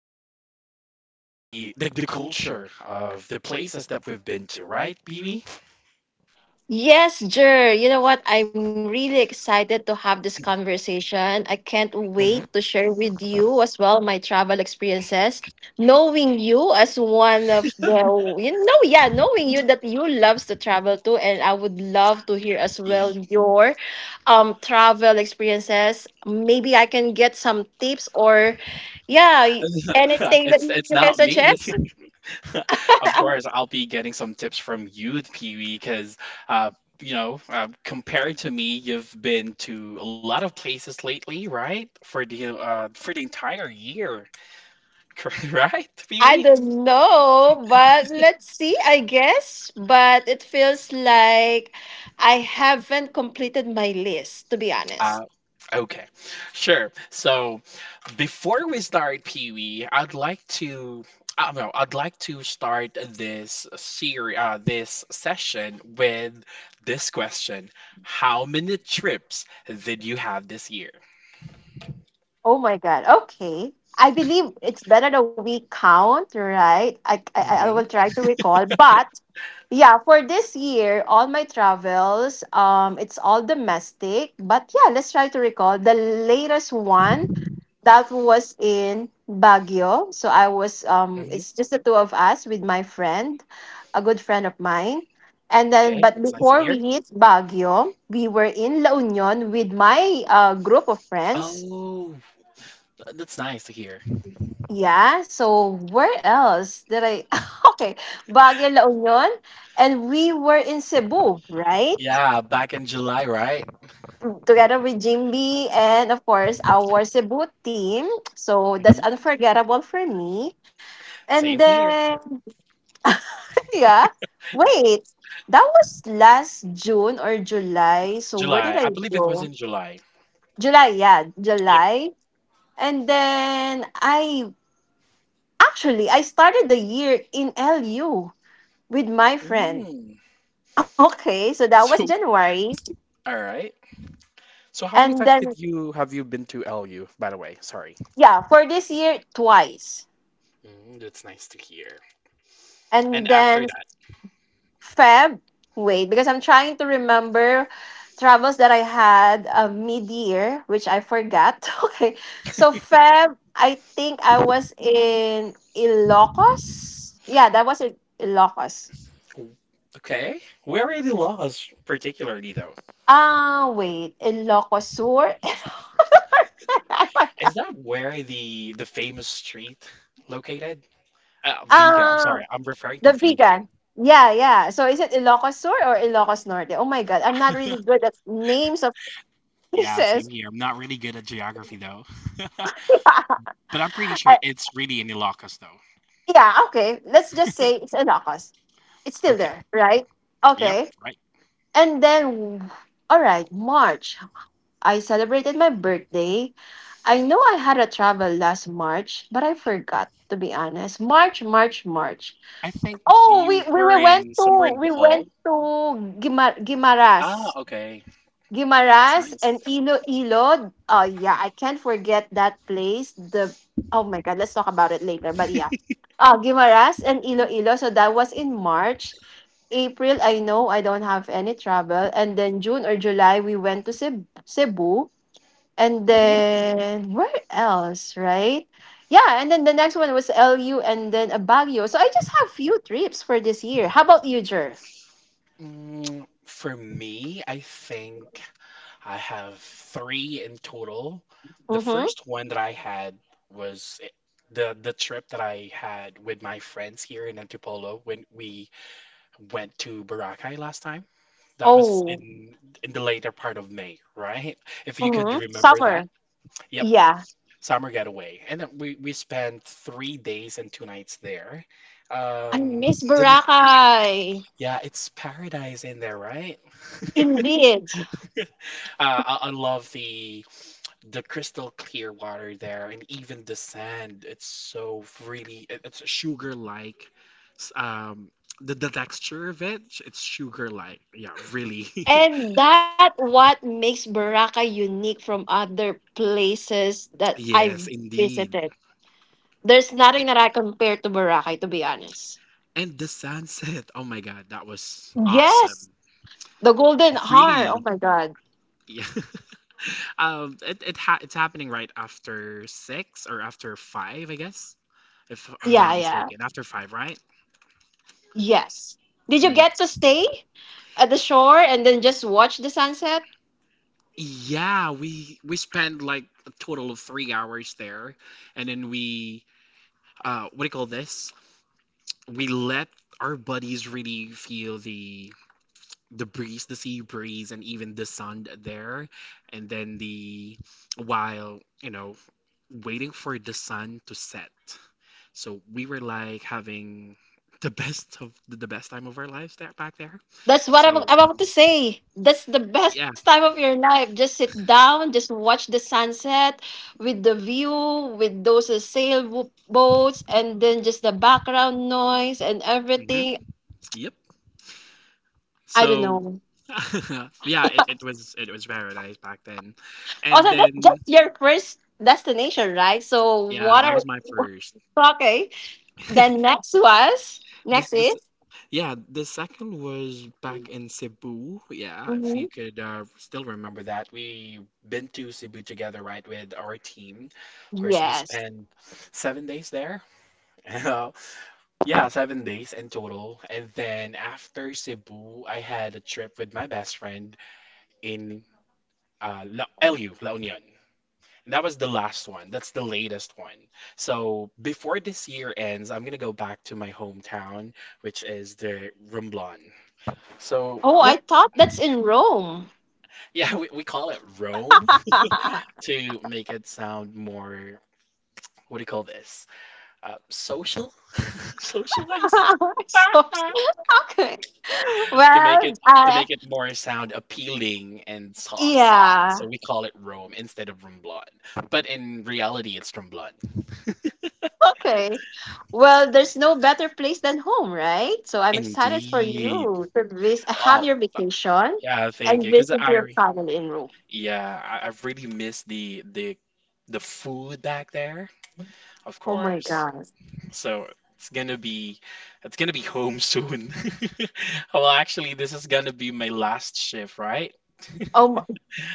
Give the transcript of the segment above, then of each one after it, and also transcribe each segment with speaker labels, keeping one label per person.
Speaker 1: and all the culture of the places that we've been to, right, BB?
Speaker 2: Yes, Jer. You know what? I'm really excited to have this conversation. I can't wait to
Speaker 1: Hmm.
Speaker 2: share with you as well my travel experiences. Knowing you as one of the, knowing you that you loves to travel too, and I would love to hear as well your travel experiences. Maybe I can get some tips or, yeah, anything
Speaker 1: it's
Speaker 2: that you
Speaker 1: it's
Speaker 2: can
Speaker 1: not me.
Speaker 2: suggest.
Speaker 1: Of course I'll be getting some tips from you, Pee-wee, because uh you know, compared to me, you've been to a lot of places lately, right? For the entire year, right,
Speaker 2: I
Speaker 1: Pee-wee?
Speaker 2: don't know, but let's see, I guess. But it feels like I haven't completed my list, to be honest.
Speaker 1: Uh, okay, sure. So before we start, Pee Wee, I'd like to, I don't know, I'd like to start this series, this session with this question. How many trips did you have this year?
Speaker 2: Oh my God. Okay. I believe it's better that we count, right? I will
Speaker 1: Mm-hmm.
Speaker 2: try to recall. But yeah, for this year, all my travels, it's all domestic. But yeah, let's try to recall. The latest one that was in Baguio. So I was
Speaker 1: Mm-hmm.
Speaker 2: it's just the two of us with my friend, a good friend of mine. And then
Speaker 1: Okay,
Speaker 2: but
Speaker 1: that's nice to
Speaker 2: before we
Speaker 1: hear.
Speaker 2: hit Baguio, we were in La Union with my group of friends.
Speaker 1: Oh, that's nice to hear.
Speaker 2: Yeah, so where else did I okay, Baguio, La Union, and we were in Cebu, right?
Speaker 1: Yeah, back in July, right?
Speaker 2: Together with Jimby and of course our Cebu team. So that's
Speaker 1: Hmm.
Speaker 2: unforgettable for me. And
Speaker 1: Same here.
Speaker 2: then yeah. Wait, that was last June or July. So where did
Speaker 1: July.
Speaker 2: I
Speaker 1: I believe it was
Speaker 2: go?
Speaker 1: in July.
Speaker 2: July, yeah,
Speaker 1: Yep.
Speaker 2: July. And then I actually I started the year in LU with my friend.
Speaker 1: Mm.
Speaker 2: Okay, so that was
Speaker 1: So,
Speaker 2: January.
Speaker 1: all right. So how many
Speaker 2: And
Speaker 1: times
Speaker 2: then
Speaker 1: did you been to LU, by the way? Sorry.
Speaker 2: yeah, for this year twice.
Speaker 1: Mm, that's nice to hear.
Speaker 2: And
Speaker 1: And after
Speaker 2: then
Speaker 1: that,
Speaker 2: Feb. Wait, because I'm trying to remember travels that I had mid-year, which I forgot. Okay, so Feb, I think I was in Ilocos. Yeah, that was in Ilocos.
Speaker 1: w- okay, where are the laws particularly though?
Speaker 2: Ah, wait, Ilocos Sur. I
Speaker 1: Is
Speaker 2: forgot.
Speaker 1: that where the famous street located? Vega. I'm sorry.
Speaker 2: Um,
Speaker 1: I'm referring to
Speaker 2: the
Speaker 1: Vegan.
Speaker 2: vegan. Yeah, yeah. So is it Ilocos Sur or Ilocos Norte? Oh my God, I'm not really good at names of
Speaker 1: Yeah, same
Speaker 2: places.
Speaker 1: here. I'm not really good at geography though. But I'm pretty sure
Speaker 2: I-
Speaker 1: it's really in Ilocos though.
Speaker 2: yeah, okay. Let's just say it's Ilocos. It's still
Speaker 1: Okay.
Speaker 2: there, right?
Speaker 1: Yep,
Speaker 2: Okay.
Speaker 1: right.
Speaker 2: And then, all right, March. I celebrated my birthday. I know I had a travel last March, but I forgot to be honest. March.
Speaker 1: I think
Speaker 2: Oh,
Speaker 1: you were in somewhere in
Speaker 2: we
Speaker 1: Bohol.
Speaker 2: went to
Speaker 1: Ah,
Speaker 2: Guimaras.
Speaker 1: okay. That's
Speaker 2: Guimaras and
Speaker 1: nice.
Speaker 2: Iloilo. Oh yeah, I can't forget that place. The oh my god, let's talk about it later. But yeah, Guimaras and Iloilo. So that was in March. April, I know I don't have any travel. And then June or July, we went to Cebu. And
Speaker 1: Mm-hmm.
Speaker 2: then where else, right? Yeah, and then the next one was LU and then a Baguio. So I just have few trips for this year. How about you, Jer?
Speaker 1: Mm, for me, I think I have three in total. The
Speaker 2: Mm-hmm.
Speaker 1: first one that I had was the trip that I had with my friends here in Antipolo when we went to Boracay last time. That was
Speaker 2: Oh,
Speaker 1: in the later part of May, right? If you
Speaker 2: mm-hmm,
Speaker 1: could remember
Speaker 2: summer.
Speaker 1: that. Yep,
Speaker 2: Yeah.
Speaker 1: summer getaway. And then we spent 3 days and two nights there.
Speaker 2: I
Speaker 1: Um,
Speaker 2: miss
Speaker 1: didn't
Speaker 2: Boracay.
Speaker 1: Yeah, it's paradise in there, right?
Speaker 2: Indeed.
Speaker 1: I love the crystal clear water there, and even the sand. It's so really it- it's sugar like. Um, the texture of it, it's sugar like. Yeah, really.
Speaker 2: And that what makes Boracay unique from other places that I've
Speaker 1: Yes, indeed.
Speaker 2: visited. There's nothing
Speaker 1: It-
Speaker 2: that I compare to Boracay to be honest.
Speaker 1: And the sunset. Oh my God, that was awesome.
Speaker 2: Yes. The Golden Heart. Oh
Speaker 1: Really.
Speaker 2: my god.
Speaker 1: Yeah. It's happening right after six or after five, I guess, if I'm
Speaker 2: Yeah,
Speaker 1: not
Speaker 2: yeah.
Speaker 1: mistaken. After five, right?
Speaker 2: Yes. Did you
Speaker 1: Mm.
Speaker 2: get to stay at the shore and then just watch the sunset?
Speaker 1: Yeah, we spent like a total of 3 hours there, and then we what do you call this? We let our buddies really feel the breeze, the sea breeze, and even the sun there. And then the while, you know, waiting for the sun to set. So we were like having the best of the best time of our lives that back there.
Speaker 2: That's what I'm
Speaker 1: So
Speaker 2: about to say. That's the best
Speaker 1: yeah.
Speaker 2: time of your life. Just sit down, just watch the sunset with the view, with those sailboats, and then just the background noise and
Speaker 1: Hmm.
Speaker 2: everything.
Speaker 1: Yep.
Speaker 2: I don't
Speaker 1: So
Speaker 2: know.
Speaker 1: yeah, it was it was paradise back then. And
Speaker 2: Also, that's
Speaker 1: then
Speaker 2: just your first destination, right? So,
Speaker 1: yeah,
Speaker 2: what
Speaker 1: that
Speaker 2: are
Speaker 1: was my first.
Speaker 2: okay? Then next was
Speaker 1: This
Speaker 2: next
Speaker 1: this
Speaker 2: is
Speaker 1: yeah, the second was back in Cebu. Yeah, if you
Speaker 2: mhm,
Speaker 1: could still remember that. We been to Cebu together, right, with our team. Of course, we
Speaker 2: yes.
Speaker 1: spent 7 days there. Uh, yeah, 7 days in total. And then after Cebu, I had a trip with my best friend in LU, La Union. That was the last one. That's the latest one. So before this year ends, I'm gonna go back to my hometown, which is the Romblon. So
Speaker 2: Oh, I
Speaker 1: yep,
Speaker 2: thought that's in Rome.
Speaker 1: yeah, we call it Rome to make it sound more, what do you call this? Social, socialize.
Speaker 2: So okay.
Speaker 1: to make
Speaker 2: Well,
Speaker 1: it to
Speaker 2: uh,
Speaker 1: make it more sound appealing and saucy.
Speaker 2: yeah.
Speaker 1: So we call it Rome instead of Romblon. But in reality, it's Tromblon.
Speaker 2: Okay. Well, there's no better place than home, right? So I'm excited for
Speaker 1: Indeed.
Speaker 2: you to have
Speaker 1: Wow.
Speaker 2: your vacation
Speaker 1: Yeah, thank
Speaker 2: and
Speaker 1: you.
Speaker 2: visit your family in Rome.
Speaker 1: Yeah, I really miss the the food back there, of
Speaker 2: Oh my
Speaker 1: course.
Speaker 2: gosh.
Speaker 1: So it's gonna be it's gonna be home soon. Well, actually, this is gonna be my last shift, right?
Speaker 2: Oh, my-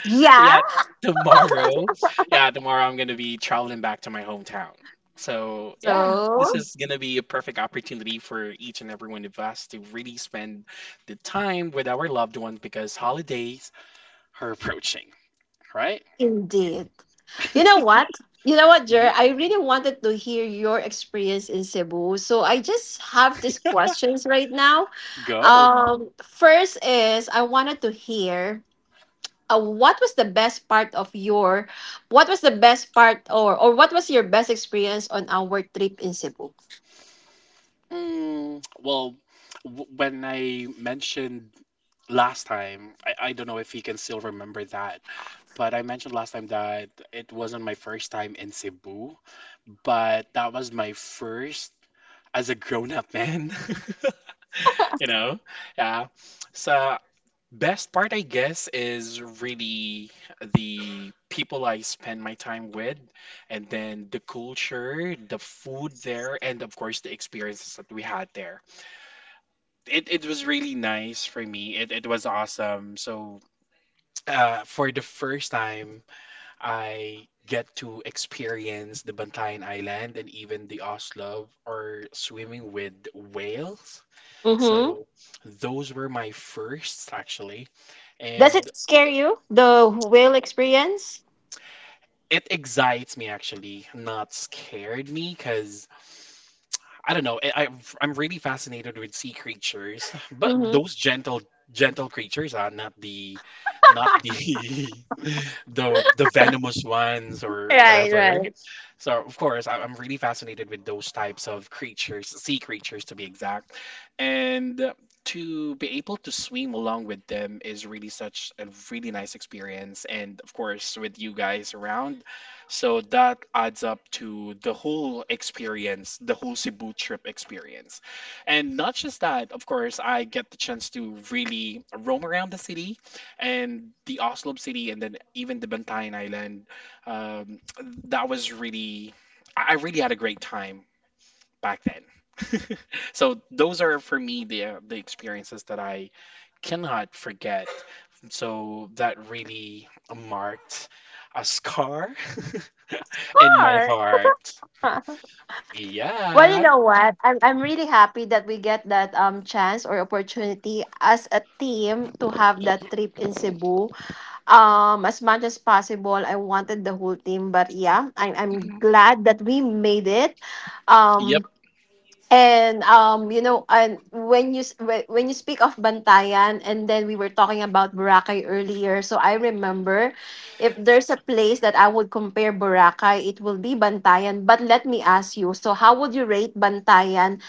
Speaker 2: yeah.
Speaker 1: Yeah, tomorrow. Yeah, tomorrow I'm gonna be traveling back to my hometown. So yeah, this
Speaker 2: So,
Speaker 1: is gonna be a perfect opportunity for each and every one of us to really spend the time with our loved ones because holidays are approaching, right?
Speaker 2: indeed. You know what? You know what, Jer?
Speaker 1: Mhm.
Speaker 2: I really wanted to hear your experience in Cebu. So I just have these questions right now.
Speaker 1: Go.
Speaker 2: First is I wanted to hear what was the best part of your, what was the best part or what was your best experience on our trip in Cebu?
Speaker 1: Mm, well, w when I mentioned last time, I don't know if he can still remember that, but I mentioned last time that it wasn't my first time in Cebu, but that was my first as a grown-up man, you know? Yeah. So best part, I guess, is really the people I spend my time with, and then the culture, the food there, and of course the experiences that we had there. It was really nice for me. It was awesome. So, for the first time, I get to experience the Bantayan Island and even the Oslo or swimming with whales.
Speaker 2: Mm-hmm.
Speaker 1: So, those were my firsts actually.
Speaker 2: Does
Speaker 1: And
Speaker 2: it scare you the whale experience?
Speaker 1: it excites me actually, not scared me, because I don't know. I'm really fascinated with sea creatures, but
Speaker 2: Mm-hmm.
Speaker 1: those gentle creatures are not the the venomous ones or
Speaker 2: right,
Speaker 1: whatever.
Speaker 2: right.
Speaker 1: So, of course, I'm really fascinated with those types of creatures, sea creatures to be exact. And to be able to swim along with them is really such a really nice experience. And of course, with you guys around, so that adds up to the whole experience, the whole Cebu trip experience. And not just that, of course, I get the chance to really roam around the city and the Oslob city and then even the Bantayan Island um, that was really, I really had a great time back then. So those are for me the experiences that I cannot forget. So that really marked a scar in my
Speaker 2: Sure.
Speaker 1: heart.
Speaker 2: Well, you
Speaker 1: Yeah.
Speaker 2: know what? I'm really happy that we get that chance or opportunity as a team to have that trip in Cebu. As much as possible, I wanted the whole team, but yeah, I'm
Speaker 1: Mhm.
Speaker 2: glad that we made it.
Speaker 1: Yep.
Speaker 2: Um, And you know, and when you when you speak of Bantayan, and then we were talking about Boracay earlier, so I remember if there's a place that I would compare Boracay, it will be Bantayan. But let me ask you, so how would you rate Bantayan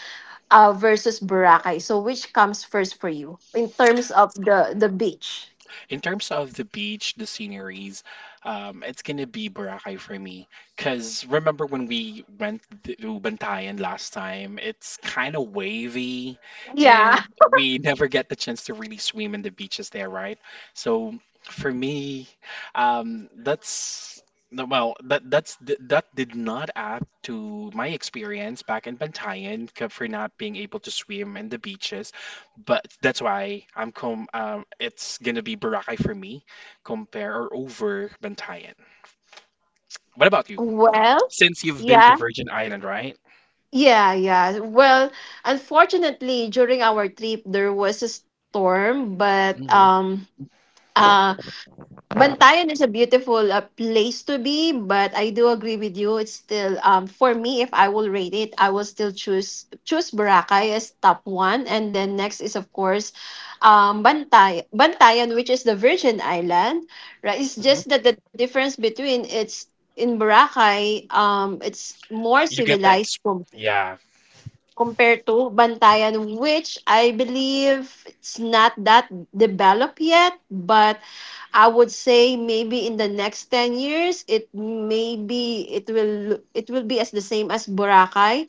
Speaker 2: versus Boracay? So which comes first for you in terms of the beach?
Speaker 1: In terms of the beach, the sceneries, it's gonna be Boracay for me. Cause remember when we went to Bantayan last time? It's kind of wavy,
Speaker 2: Yeah.
Speaker 1: and we never get the chance to really swim in the beaches there, right? So for me, that's no, well, that did not add to my experience back in Bantayan for not being able to swim in the beaches. But that's why I'm com it's gonna be Boracay for me, compare or over Bantayan. What about you?
Speaker 2: Well,
Speaker 1: Since you've been
Speaker 2: yeah.
Speaker 1: to Virgin Island, right?
Speaker 2: Yeah, yeah. Well, unfortunately, during our trip, there was a storm, but
Speaker 1: Hmm.
Speaker 2: Uh, Bantayan is a beautiful place to be, but I do agree with you. It's still for me, if I will rate it, I will still choose Boracay as top one, and then next is of course, Bantayan, which is the Virgin Island. Right, it's
Speaker 1: Hmm.
Speaker 2: just that the difference between it's in Boracay, it's more
Speaker 1: You get the
Speaker 2: civilized
Speaker 1: ex Yeah.
Speaker 2: compared to Bantayan, which I believe it's not that developed yet, but I would say maybe in the next 10 years it will be as the same as Boracay.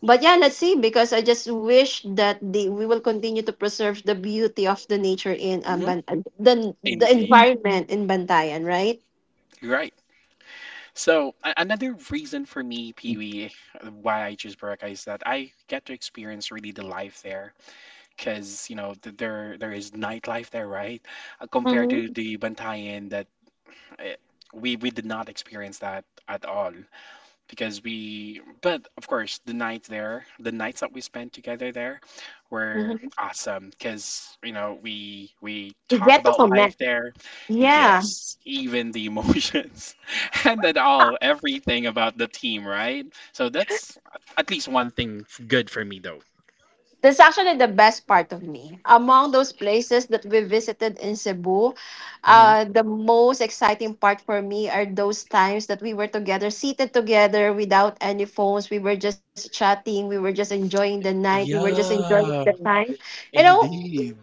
Speaker 2: But yeah, let's see because I just wish that the we will continue to preserve the beauty of the nature in
Speaker 1: Hmm.
Speaker 2: Bantayan, the
Speaker 1: Indeed.
Speaker 2: environment in Bantayan, right?
Speaker 1: You're right. So a another reason for me, Pee-wee, why I choose Boracay is that I get to experience really the life there, because you know th there there is nightlife there, right?
Speaker 2: Mm-hmm.
Speaker 1: Compared to the Bantayan that eh, we did not experience that at all. Because we but of course the night there the nights that we spent together there were
Speaker 2: Mm-hmm,
Speaker 1: awesome because you know we talk
Speaker 2: get to
Speaker 1: about life
Speaker 2: connect.
Speaker 1: there,
Speaker 2: Yeah.
Speaker 1: yes, even the emotions and at all everything about the team, right? So that's at least one thing good for me though.
Speaker 2: That's actually the best part of me. Among those places that we visited in Cebu,
Speaker 1: Hmm.
Speaker 2: the most exciting part for me are those times that we were together, seated together without any phones. We were just chatting. We were just enjoying the night. We were just enjoying the
Speaker 1: Yeah.
Speaker 2: time. You know,
Speaker 1: Indeed.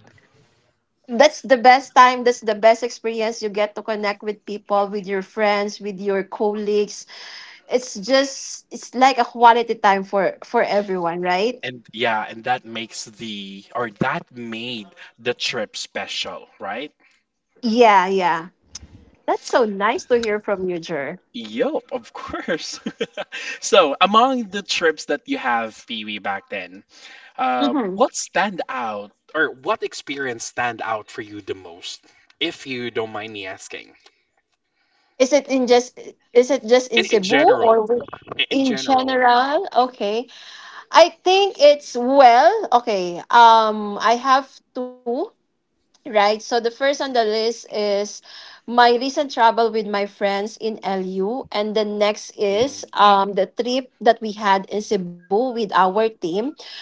Speaker 2: that's the best time. That's the best experience. You get to connect with people, with your friends, with your colleagues. It's just, it's like a quality time for everyone, right?
Speaker 1: And yeah, and that makes the or that made the trip special, right?
Speaker 2: Yeah, yeah. That's so nice to hear from you, Jer.
Speaker 1: Yup, of course. So, among the trips that you have, Pee Wee, back then,
Speaker 2: Mm-hmm.
Speaker 1: what stand out or what experience stand out for you the most, if you don't mind me asking?
Speaker 2: Is it in just is it just in
Speaker 1: In
Speaker 2: Cebu
Speaker 1: general,
Speaker 2: or
Speaker 1: in
Speaker 2: in
Speaker 1: general.
Speaker 2: general? Okay. I think it's well, okay. Um, I have two. Right. So the first on the list is my recent travel with my friends in LU, and the next
Speaker 1: Hmm.
Speaker 2: is the trip that we had in Cebu with our team.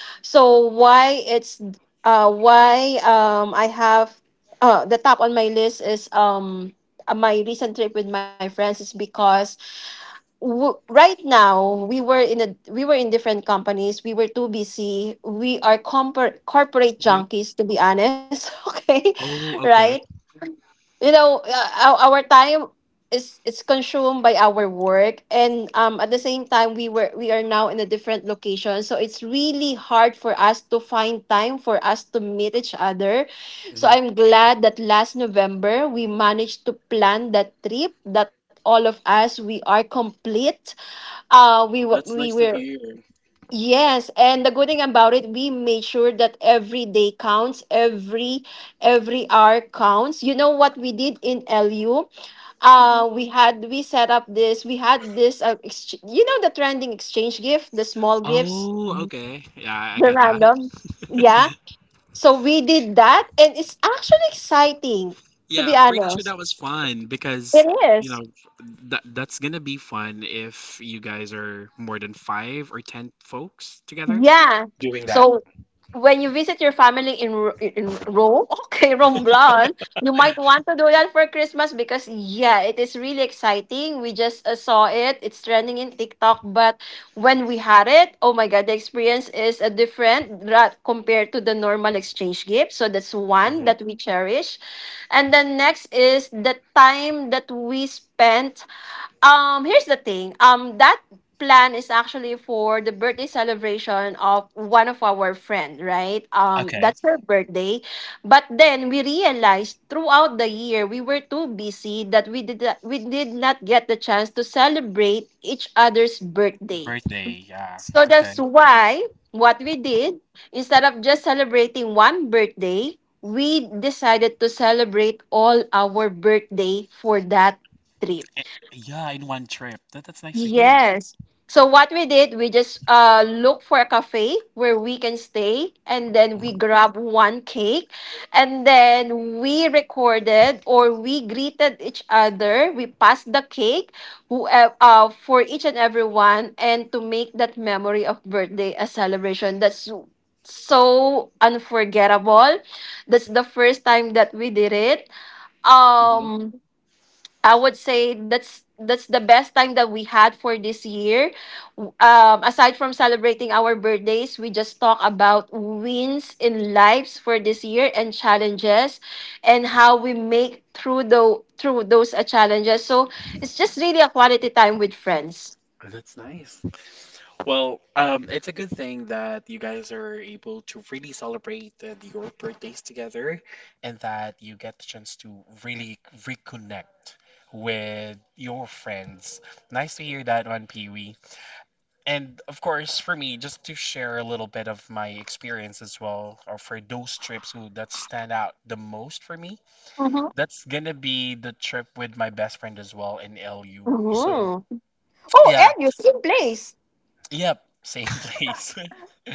Speaker 2: So why it's why I have the top on my list is my recent trip with my friends is because right now we were in different companies, we were too busy, we are corporate
Speaker 1: Hmm.
Speaker 2: junkies to be honest. Okay,
Speaker 1: Oh, okay.
Speaker 2: right, you know, our time is it's consumed by our work, and at the same time we are now in a different location, so it's really hard for us to find time for us to meet each other. So
Speaker 1: Hmm.
Speaker 2: I'm glad that last November we managed to plan that trip that all of us we are complete. We wa-
Speaker 1: That's
Speaker 2: we
Speaker 1: nice to
Speaker 2: were
Speaker 1: hear.
Speaker 2: yes, and the good thing about it, we made sure that every day counts, every hour counts. You know what we did in LU?
Speaker 1: Hmm.
Speaker 2: We set up this. We had this you know, the trending exchange gift, the small gifts,
Speaker 1: Oh, okay. Yeah, I
Speaker 2: the
Speaker 1: got that.
Speaker 2: random. Yeah, so we did that, and it's actually exciting to
Speaker 1: Yeah,
Speaker 2: be
Speaker 1: I'm pretty sure
Speaker 2: honest.
Speaker 1: that was fun
Speaker 2: It
Speaker 1: because, you
Speaker 2: is.
Speaker 1: know, that's gonna be fun if you guys are more than five or ten folks together
Speaker 2: Yeah.
Speaker 1: doing that.
Speaker 2: So when you visit your family in Rome, okay, Romblon, you might want to do that for Christmas because yeah, it is really exciting. We just saw it; it's trending in TikTok. But when we had it, oh my god, the experience is a different compared to the normal exchange gift. So that's one
Speaker 1: Hmm.
Speaker 2: that we cherish, and then next is the time that we spent. Here's the thing. That plan is actually for the birthday celebration of one of our friend, right?
Speaker 1: Okay.
Speaker 2: That's her birthday. But then we realized throughout the year we were too busy that we did not get the chance to celebrate each other's birthday.
Speaker 1: Birthday, yeah.
Speaker 2: So that's
Speaker 1: Okay.
Speaker 2: why what we did instead of just celebrating one birthday, we decided to celebrate all our birthday for that trip.
Speaker 1: Eh, yeah, in one trip. That that's nice to hear.
Speaker 2: Yes. So what we did, we just look for a cafe where we can stay and then
Speaker 1: Hmm.
Speaker 2: we grab one cake and then we recorded or we greeted each other. We passed the cake who for each and every one, and to make that memory of birthday a celebration. That's so unforgettable. That's the first time that we did it.
Speaker 1: Hmm.
Speaker 2: Um, I would say that's the best time that we had for this year. Aside from celebrating our birthdays, we just talk about wins in lives for this year and challenges, and how we make through the through those challenges. So it's just really a quality time with friends.
Speaker 1: That's nice. Well, it's a good thing that you guys are able to really celebrate your birthdays together and that you get the chance to really reconnect with your friends. Nice to hear that one, Pee Wee. And of course, for me, just to share a little bit of my experience as well, or for those trips who that stand out the most for me,
Speaker 2: Mm-hmm.
Speaker 1: that's gonna be the trip with my best friend as well in LU. So,
Speaker 2: Mm-hmm. Oh,
Speaker 1: yeah,
Speaker 2: Enu, same place.
Speaker 1: yep, same place.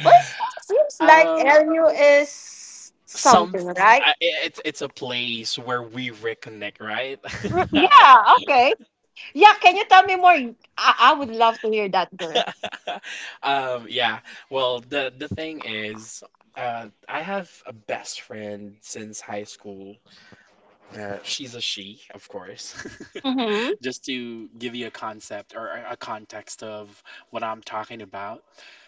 Speaker 2: Well, seems like
Speaker 1: Um,
Speaker 2: Enu is
Speaker 1: Some
Speaker 2: something, right?
Speaker 1: it's a place where we reconnect, right?
Speaker 2: Yeah, okay. Yeah, can you tell me more? I would love to hear that, girl.
Speaker 1: Yeah. Well, the thing is, I have a best friend since high school. She's a she, of course.
Speaker 2: Mm-hmm.
Speaker 1: Just to give you a concept or a context of what I'm talking about.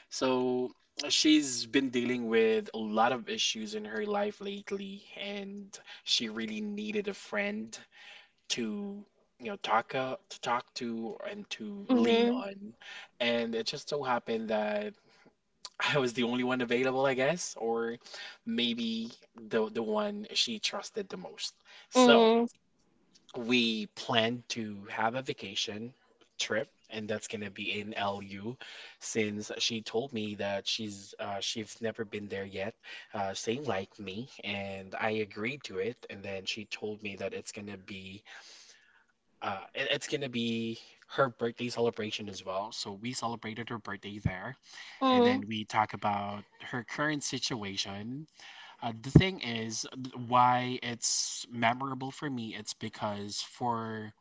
Speaker 1: So she's been dealing with a lot of issues in her life lately, and she really needed a friend to talk to talk to and to lean
Speaker 2: Mm-hmm.
Speaker 1: on, and it just so happened that I was the only one available, I guess, or maybe the one she trusted the most. So
Speaker 2: Mm-hmm.
Speaker 1: we planned to have a vacation trip, and that's going to be in LU, since she told me that she's never been there yet, same like me. And I agreed to it, and then she told me that it's going to be it's gonna be her birthday celebration as well. So we celebrated her birthday there, and then
Speaker 2: Mm.
Speaker 1: we talk about her current situation. The thing is, why it's memorable for me, it's because for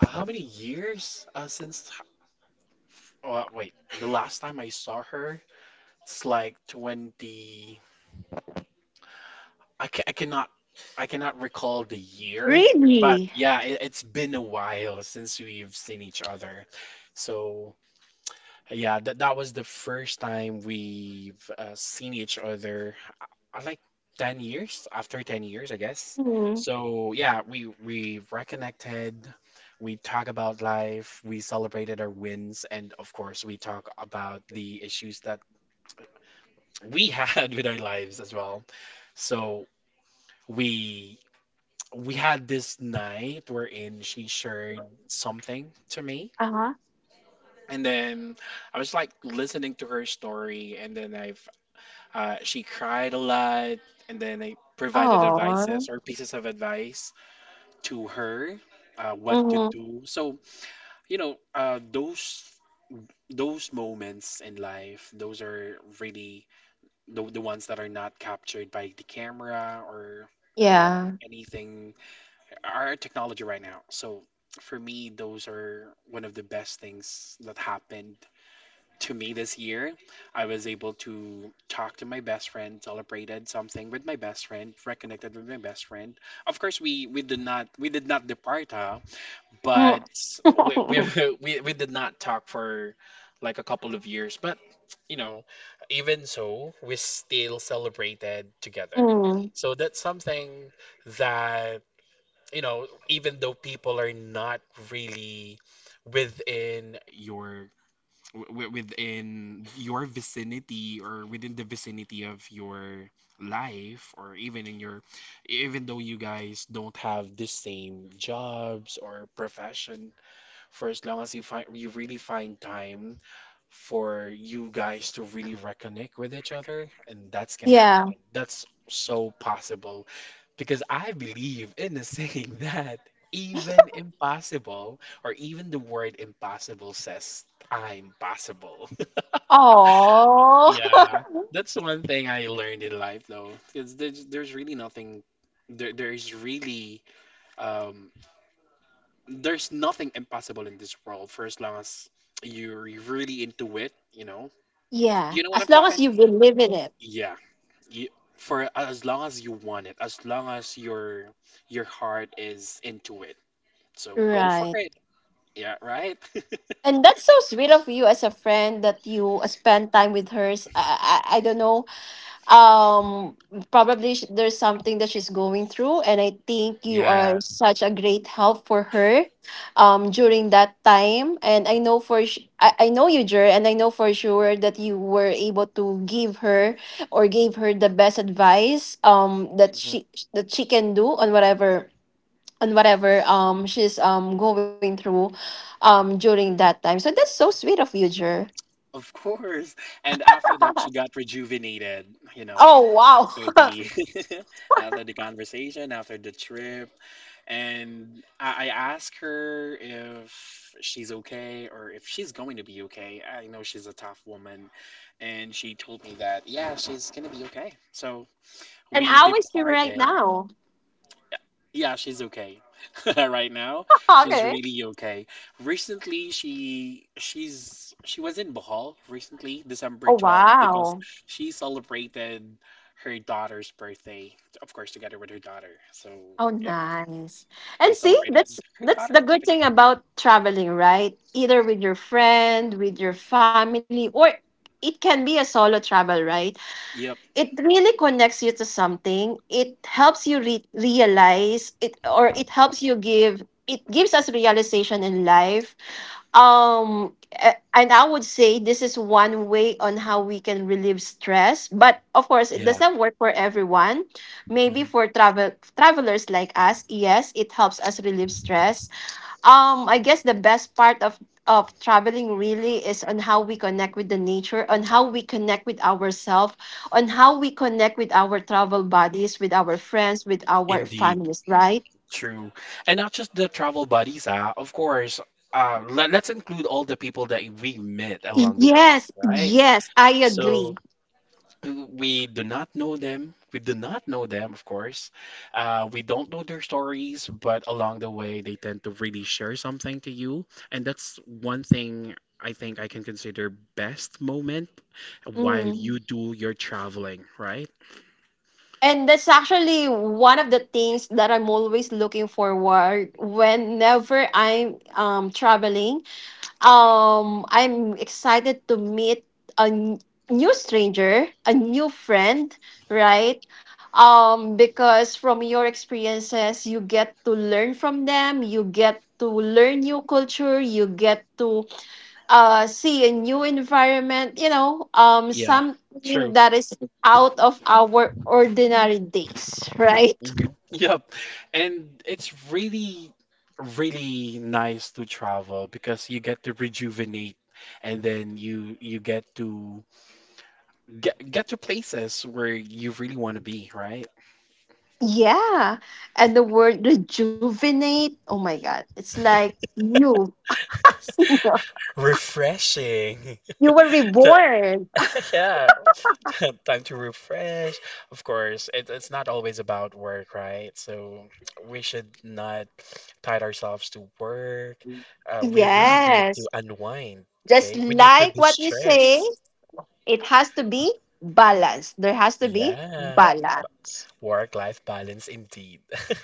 Speaker 1: how many years since? Oh, wait, the last time I saw her, it's like 20. I, ca- I cannot, I cannot recall the year, but
Speaker 2: Really?
Speaker 1: yeah, it's been a while since we've seen each other. So yeah, that was the first time we've seen each other. Like 10 years, after 10 years, I guess.
Speaker 2: Mm-hmm.
Speaker 1: So yeah, we reconnected. We talk about life. We celebrated our wins, and of course, we talk about the issues that we had with our lives as well. So we we had this night wherein she shared something to me,
Speaker 2: Uh-huh.
Speaker 1: and then I was listening to her story, and then I she cried a lot, and then I provided
Speaker 2: Oh.
Speaker 1: advices or pieces of advice to her, what to
Speaker 2: Mm-hmm.
Speaker 1: do. So, you know, uh, those those moments in life, those are really the ones that are not captured by the camera or, you know,
Speaker 2: Yeah.
Speaker 1: anything, our technology right now. So for me, those are one of the best things that happened to me this year. I was able to talk to my best friend, celebrated something with my best friend, reconnected with my best friend. Of course, we did not depart, huh?
Speaker 2: Mm.
Speaker 1: But we we did not talk for like a couple of years. But you know, even so, we still celebrated together.
Speaker 2: mm.
Speaker 1: So that's something that, you know, even though people are not really within your w within your vicinity, or within the vicinity of your life, or even in your, even though you guys don't have the same jobs or profession, for as long as you really find time for you guys to really reconnect with each other, and that's gonna
Speaker 2: Yeah.
Speaker 1: happen. That's so possible, because I believe in the saying that even impossible, or even the word impossible, says I'm possible.
Speaker 2: Oh.
Speaker 1: Yeah, that's one thing I learned in life, though, because there's really nothing. There is really um, there's nothing impossible in this world for as long as you're really into it, you know?
Speaker 2: yeah.
Speaker 1: You know what I'm
Speaker 2: As long as
Speaker 1: talking?
Speaker 2: you believe in it.
Speaker 1: Yeah, you, for as long as you want it, as long as your heart is into it. So go for
Speaker 2: Right.
Speaker 1: it. Yeah, right?
Speaker 2: And that's so sweet of you as a friend that you spend time with her. I don't know, um probably there's something that she's going through, and I think you are
Speaker 1: Yeah.
Speaker 2: such a great help for her during that time. And I know for I know you, Jer, and I know for sure that you were able to give her or gave her the best advice, that she can do on whatever, she's going through during that time. So that's so sweet of you, Jer.
Speaker 1: Of course. And after that, she got rejuvenated, you know,
Speaker 2: Oh, wow.
Speaker 1: after the after the conversation, after the trip. And I asked her if she's okay or if she's going to be okay. I know she's a tough woman, and she told me that, yeah, she's gonna be okay. So
Speaker 2: and
Speaker 1: we
Speaker 2: how is she right
Speaker 1: departed.
Speaker 2: now?
Speaker 1: Yeah, she's okay. Right now, she's
Speaker 2: okay.
Speaker 1: really okay. Recently, she was in Bohol recently, December
Speaker 2: Oh,
Speaker 1: 12th, because
Speaker 2: wow.
Speaker 1: she celebrated her daughter's birthday, of course, together with her daughter. So,
Speaker 2: Oh,
Speaker 1: yep,
Speaker 2: nice.
Speaker 1: they
Speaker 2: And see,
Speaker 1: celebrated her
Speaker 2: that's the
Speaker 1: daughter's
Speaker 2: good
Speaker 1: birthday.
Speaker 2: thing about traveling, right? Either with your friend, with your family, or it can be a solo travel, right?
Speaker 1: Yep.
Speaker 2: It really connects you to something. It helps you realize it, or it helps you give, it gives us realization in life. um and I would say this is one way on how we can relieve stress, but of course it
Speaker 1: Yeah.
Speaker 2: doesn't work for everyone. Maybe
Speaker 1: Mhm.
Speaker 2: for travelers like us, yes, it helps us relieve stress. I guess the best part of traveling really is on how we connect with the nature, on how we connect with ourselves, on how we connect with our travel buddies, with our friends, with our
Speaker 1: Indeed.
Speaker 2: families, right?
Speaker 1: True. And not just the travel buddies. Ah, of course, let's include all the people that we met along the way,
Speaker 2: Yes,
Speaker 1: right?
Speaker 2: yes, I agree.
Speaker 1: So, we do not know them. We do not know them, of course. We don't know their stories, but along the way, they tend to really share something to you. And that's one thing I think I can consider best moment while you
Speaker 2: Mm.
Speaker 1: do your traveling, right?
Speaker 2: And that's actually one of the things that I'm always looking forward whenever I'm traveling. I'm excited to meet a n- new stranger, a new friend, right? Because from your experiences, you get to learn from them, you get to learn new culture, you get to see a new environment, you know,
Speaker 1: Yeah,
Speaker 2: something
Speaker 1: true.
Speaker 2: that is out of our ordinary days, right?
Speaker 1: Mhm. Yep. And it's really, really nice to travel because you get to rejuvenate, and then you get to get to places where you really want to be, right?
Speaker 2: Yeah. And the word rejuvenate, oh my God, it's like new.
Speaker 1: Refreshing.
Speaker 2: You were
Speaker 1: So,
Speaker 2: reborn.
Speaker 1: yeah, time to refresh. Of course, it's not always about work, right? So we should not tie ourselves to work. We really need to
Speaker 2: Yes.
Speaker 1: unwind,
Speaker 2: Just
Speaker 1: okay? We
Speaker 2: like
Speaker 1: need to
Speaker 2: what we say,
Speaker 1: distress.
Speaker 2: it has to be balanced. There has to be
Speaker 1: Yeah,
Speaker 2: balance.
Speaker 1: work-life balance indeed.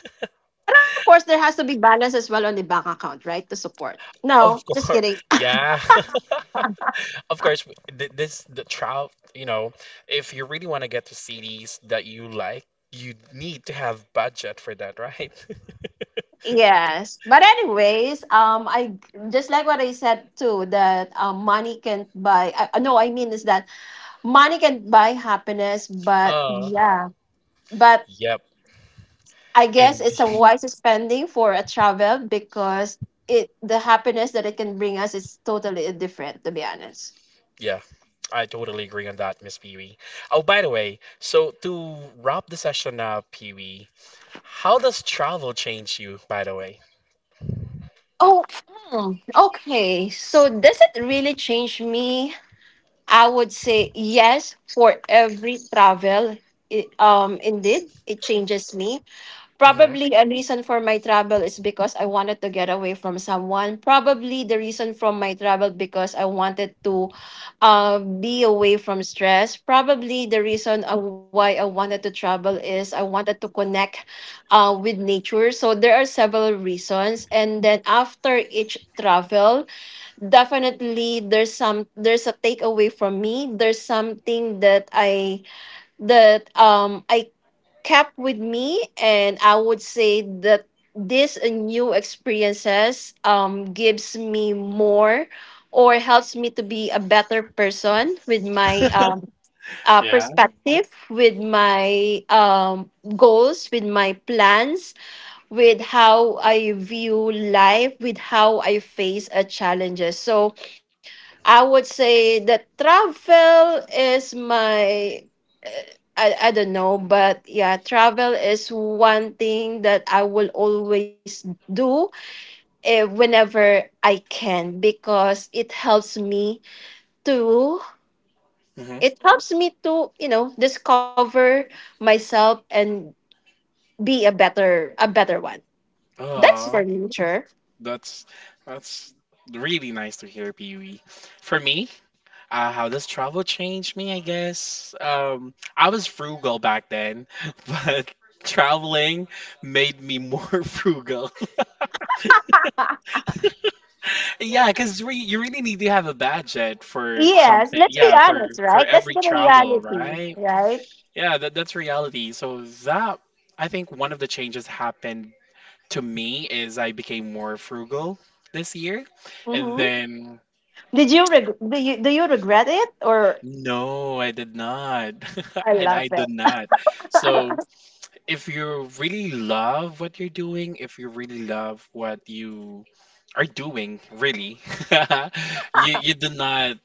Speaker 2: And of course, there has to be balance as well on the bank account, right? To support.
Speaker 1: Of
Speaker 2: No, just
Speaker 1: course.
Speaker 2: kidding.
Speaker 1: Yeah. Of course, this the trout, you know, if you really want to get to CDs that you like, you need to have budget for that, right?
Speaker 2: Yes. But anyways, I, just like what I said too that, money can't buy, no, I mean, is that money can buy happiness, but
Speaker 1: Uh,
Speaker 2: yeah. But
Speaker 1: yep.
Speaker 2: I guess
Speaker 1: And
Speaker 2: it's a wise spending for a travel, because it, the happiness that it can bring us is totally different, to be honest.
Speaker 1: yeah, I totally agree on that, Miss Pee Wee. Oh, by the way, so to wrap the session up, Pee Wee, how does travel change you, by the way?
Speaker 2: Oh. Mm, okay. So does it really change me? I would say yes. For every travel, it, indeed, it changes me.
Speaker 1: Mm-hmm.
Speaker 2: Probably a reason for my travel is because I wanted to get away from someone. Probably the reason from my travel, because I wanted to be away from stress. Probably the reason why I wanted to travel is I wanted to connect with nature. So there are several reasons. And then after each travel, definitely there's a takeaway from me. There's something that I kept with me, and I would say that this, new experiences, gives me more, or helps me to be a better person with my
Speaker 1: Yeah.
Speaker 2: perspective, with my goals, with my plans, with how I view life, with how I face a challenges. So I would say that travel is my, uh, I don't know, but yeah, travel is one thing that I will always do, eh, whenever I can, because it helps me to,
Speaker 1: Mm-hmm.
Speaker 2: it helps me to, you know, discover myself and be a better one. That's
Speaker 1: Oh,
Speaker 2: for me, sure.
Speaker 1: that's that's really nice to hear, Pee Wee. For me, how does travel change me? I guess I was frugal back then, but traveling made me more frugal. Yeah, because re you really need to have a budget for
Speaker 2: yes,
Speaker 1: something.
Speaker 2: let's be
Speaker 1: Yeah,
Speaker 2: honest,
Speaker 1: for
Speaker 2: right? That's
Speaker 1: every
Speaker 2: the
Speaker 1: travel,
Speaker 2: reality,
Speaker 1: right?
Speaker 2: right?
Speaker 1: Yeah, that that's reality. So that I think one of the changes happened to me is I became more frugal this year, and
Speaker 2: Mm-hmm.
Speaker 1: then
Speaker 2: Did you do you regret it, or
Speaker 1: no, I did not,
Speaker 2: I
Speaker 1: and
Speaker 2: love
Speaker 1: I did
Speaker 2: it.
Speaker 1: not. So, if you really love what you're doing, if you really love what you are doing, really, you do not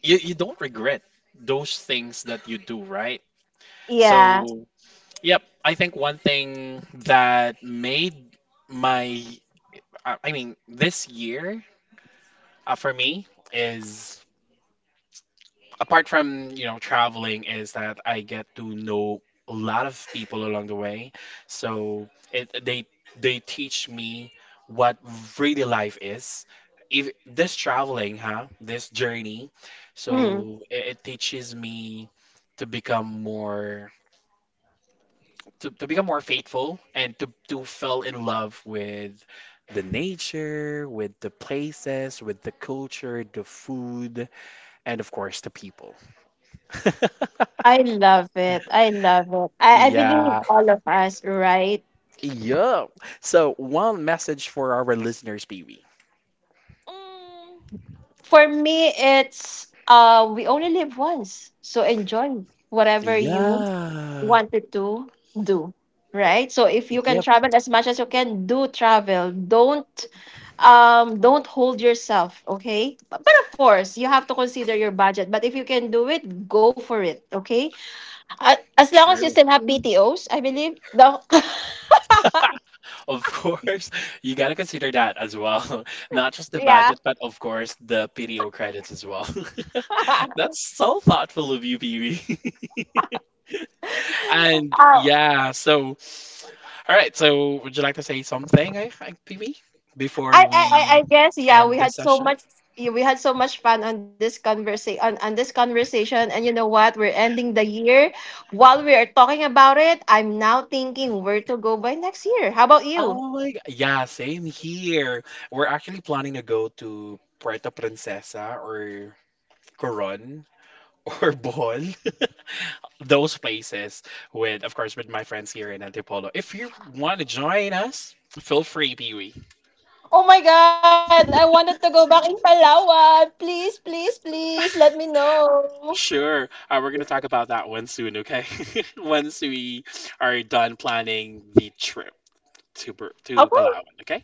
Speaker 1: you, you don't regret those things that you do, right?
Speaker 2: Yeah.
Speaker 1: So, yep, I think one thing that made my I mean this year for me is apart from, you know, traveling, is that I get to know a lot of people along the way. So it they teach me what really life is. If this traveling, huh? This journey.
Speaker 2: Mm.
Speaker 1: So it teaches me to become more to become more faithful and to fall in love with the nature, with the places, with the culture, the food, and of course the people.
Speaker 2: I love it. I love it. I believe
Speaker 1: Yeah.
Speaker 2: all of us, right?
Speaker 1: Yeah. So one message for our listeners, BB.
Speaker 2: Mm. For me, it's we only live once. So enjoy whatever you
Speaker 1: Yeah.
Speaker 2: wanted to do, right? So if you can
Speaker 1: Yep.
Speaker 2: travel as much as you can, do travel. Don't, don't hold yourself, okay? But of course, you have to consider your budget. But if you can do it, go for it, okay? As long as you
Speaker 1: True.
Speaker 2: still have BTOs, I believe. No.
Speaker 1: Of course, you gotta consider that as well. Not just the
Speaker 2: yeah.
Speaker 1: budget, but of course the PDO credits as well. That's so thoughtful of you, Pee Wee. And
Speaker 2: Uh,
Speaker 1: yeah, so all right, so would you like to say something, I think, BB,
Speaker 2: I,
Speaker 1: before
Speaker 2: I I
Speaker 1: we
Speaker 2: guess, yeah,
Speaker 1: end
Speaker 2: we
Speaker 1: the
Speaker 2: had so
Speaker 1: session?
Speaker 2: much, yeah, we had so much fun on this conversation, and you know what? We're ending the year. While we are talking about it, I'm now thinking where to go by next year. How about you?
Speaker 1: Oh my god. Yeah, same here. We're actually planning to go to Puerto Princesa or Coron or Bohol. Those places with, of course, with my friends here in Antipolo. If you want to join us, feel free, Pee Wee.
Speaker 2: Oh my god, I wanted to go back in Palawan. Please, please, please let me know.
Speaker 1: Sure. We're going to talk about that one soon, okay? Once we are done planning the trip to to
Speaker 2: Okay.
Speaker 1: Palawan, okay?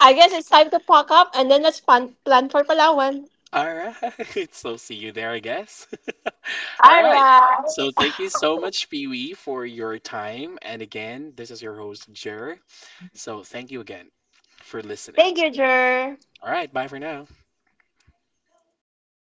Speaker 2: I guess it's time to pack up, and then let's plan for Palawan.
Speaker 1: All right. So see you there, I guess. All
Speaker 2: All
Speaker 1: right. So
Speaker 2: right.
Speaker 1: thank you so much, Pee Wee, for your time. And again, this is your host, Jer. So thank you again for listening.
Speaker 2: Thank you, Jer.
Speaker 1: All right. Bye for now.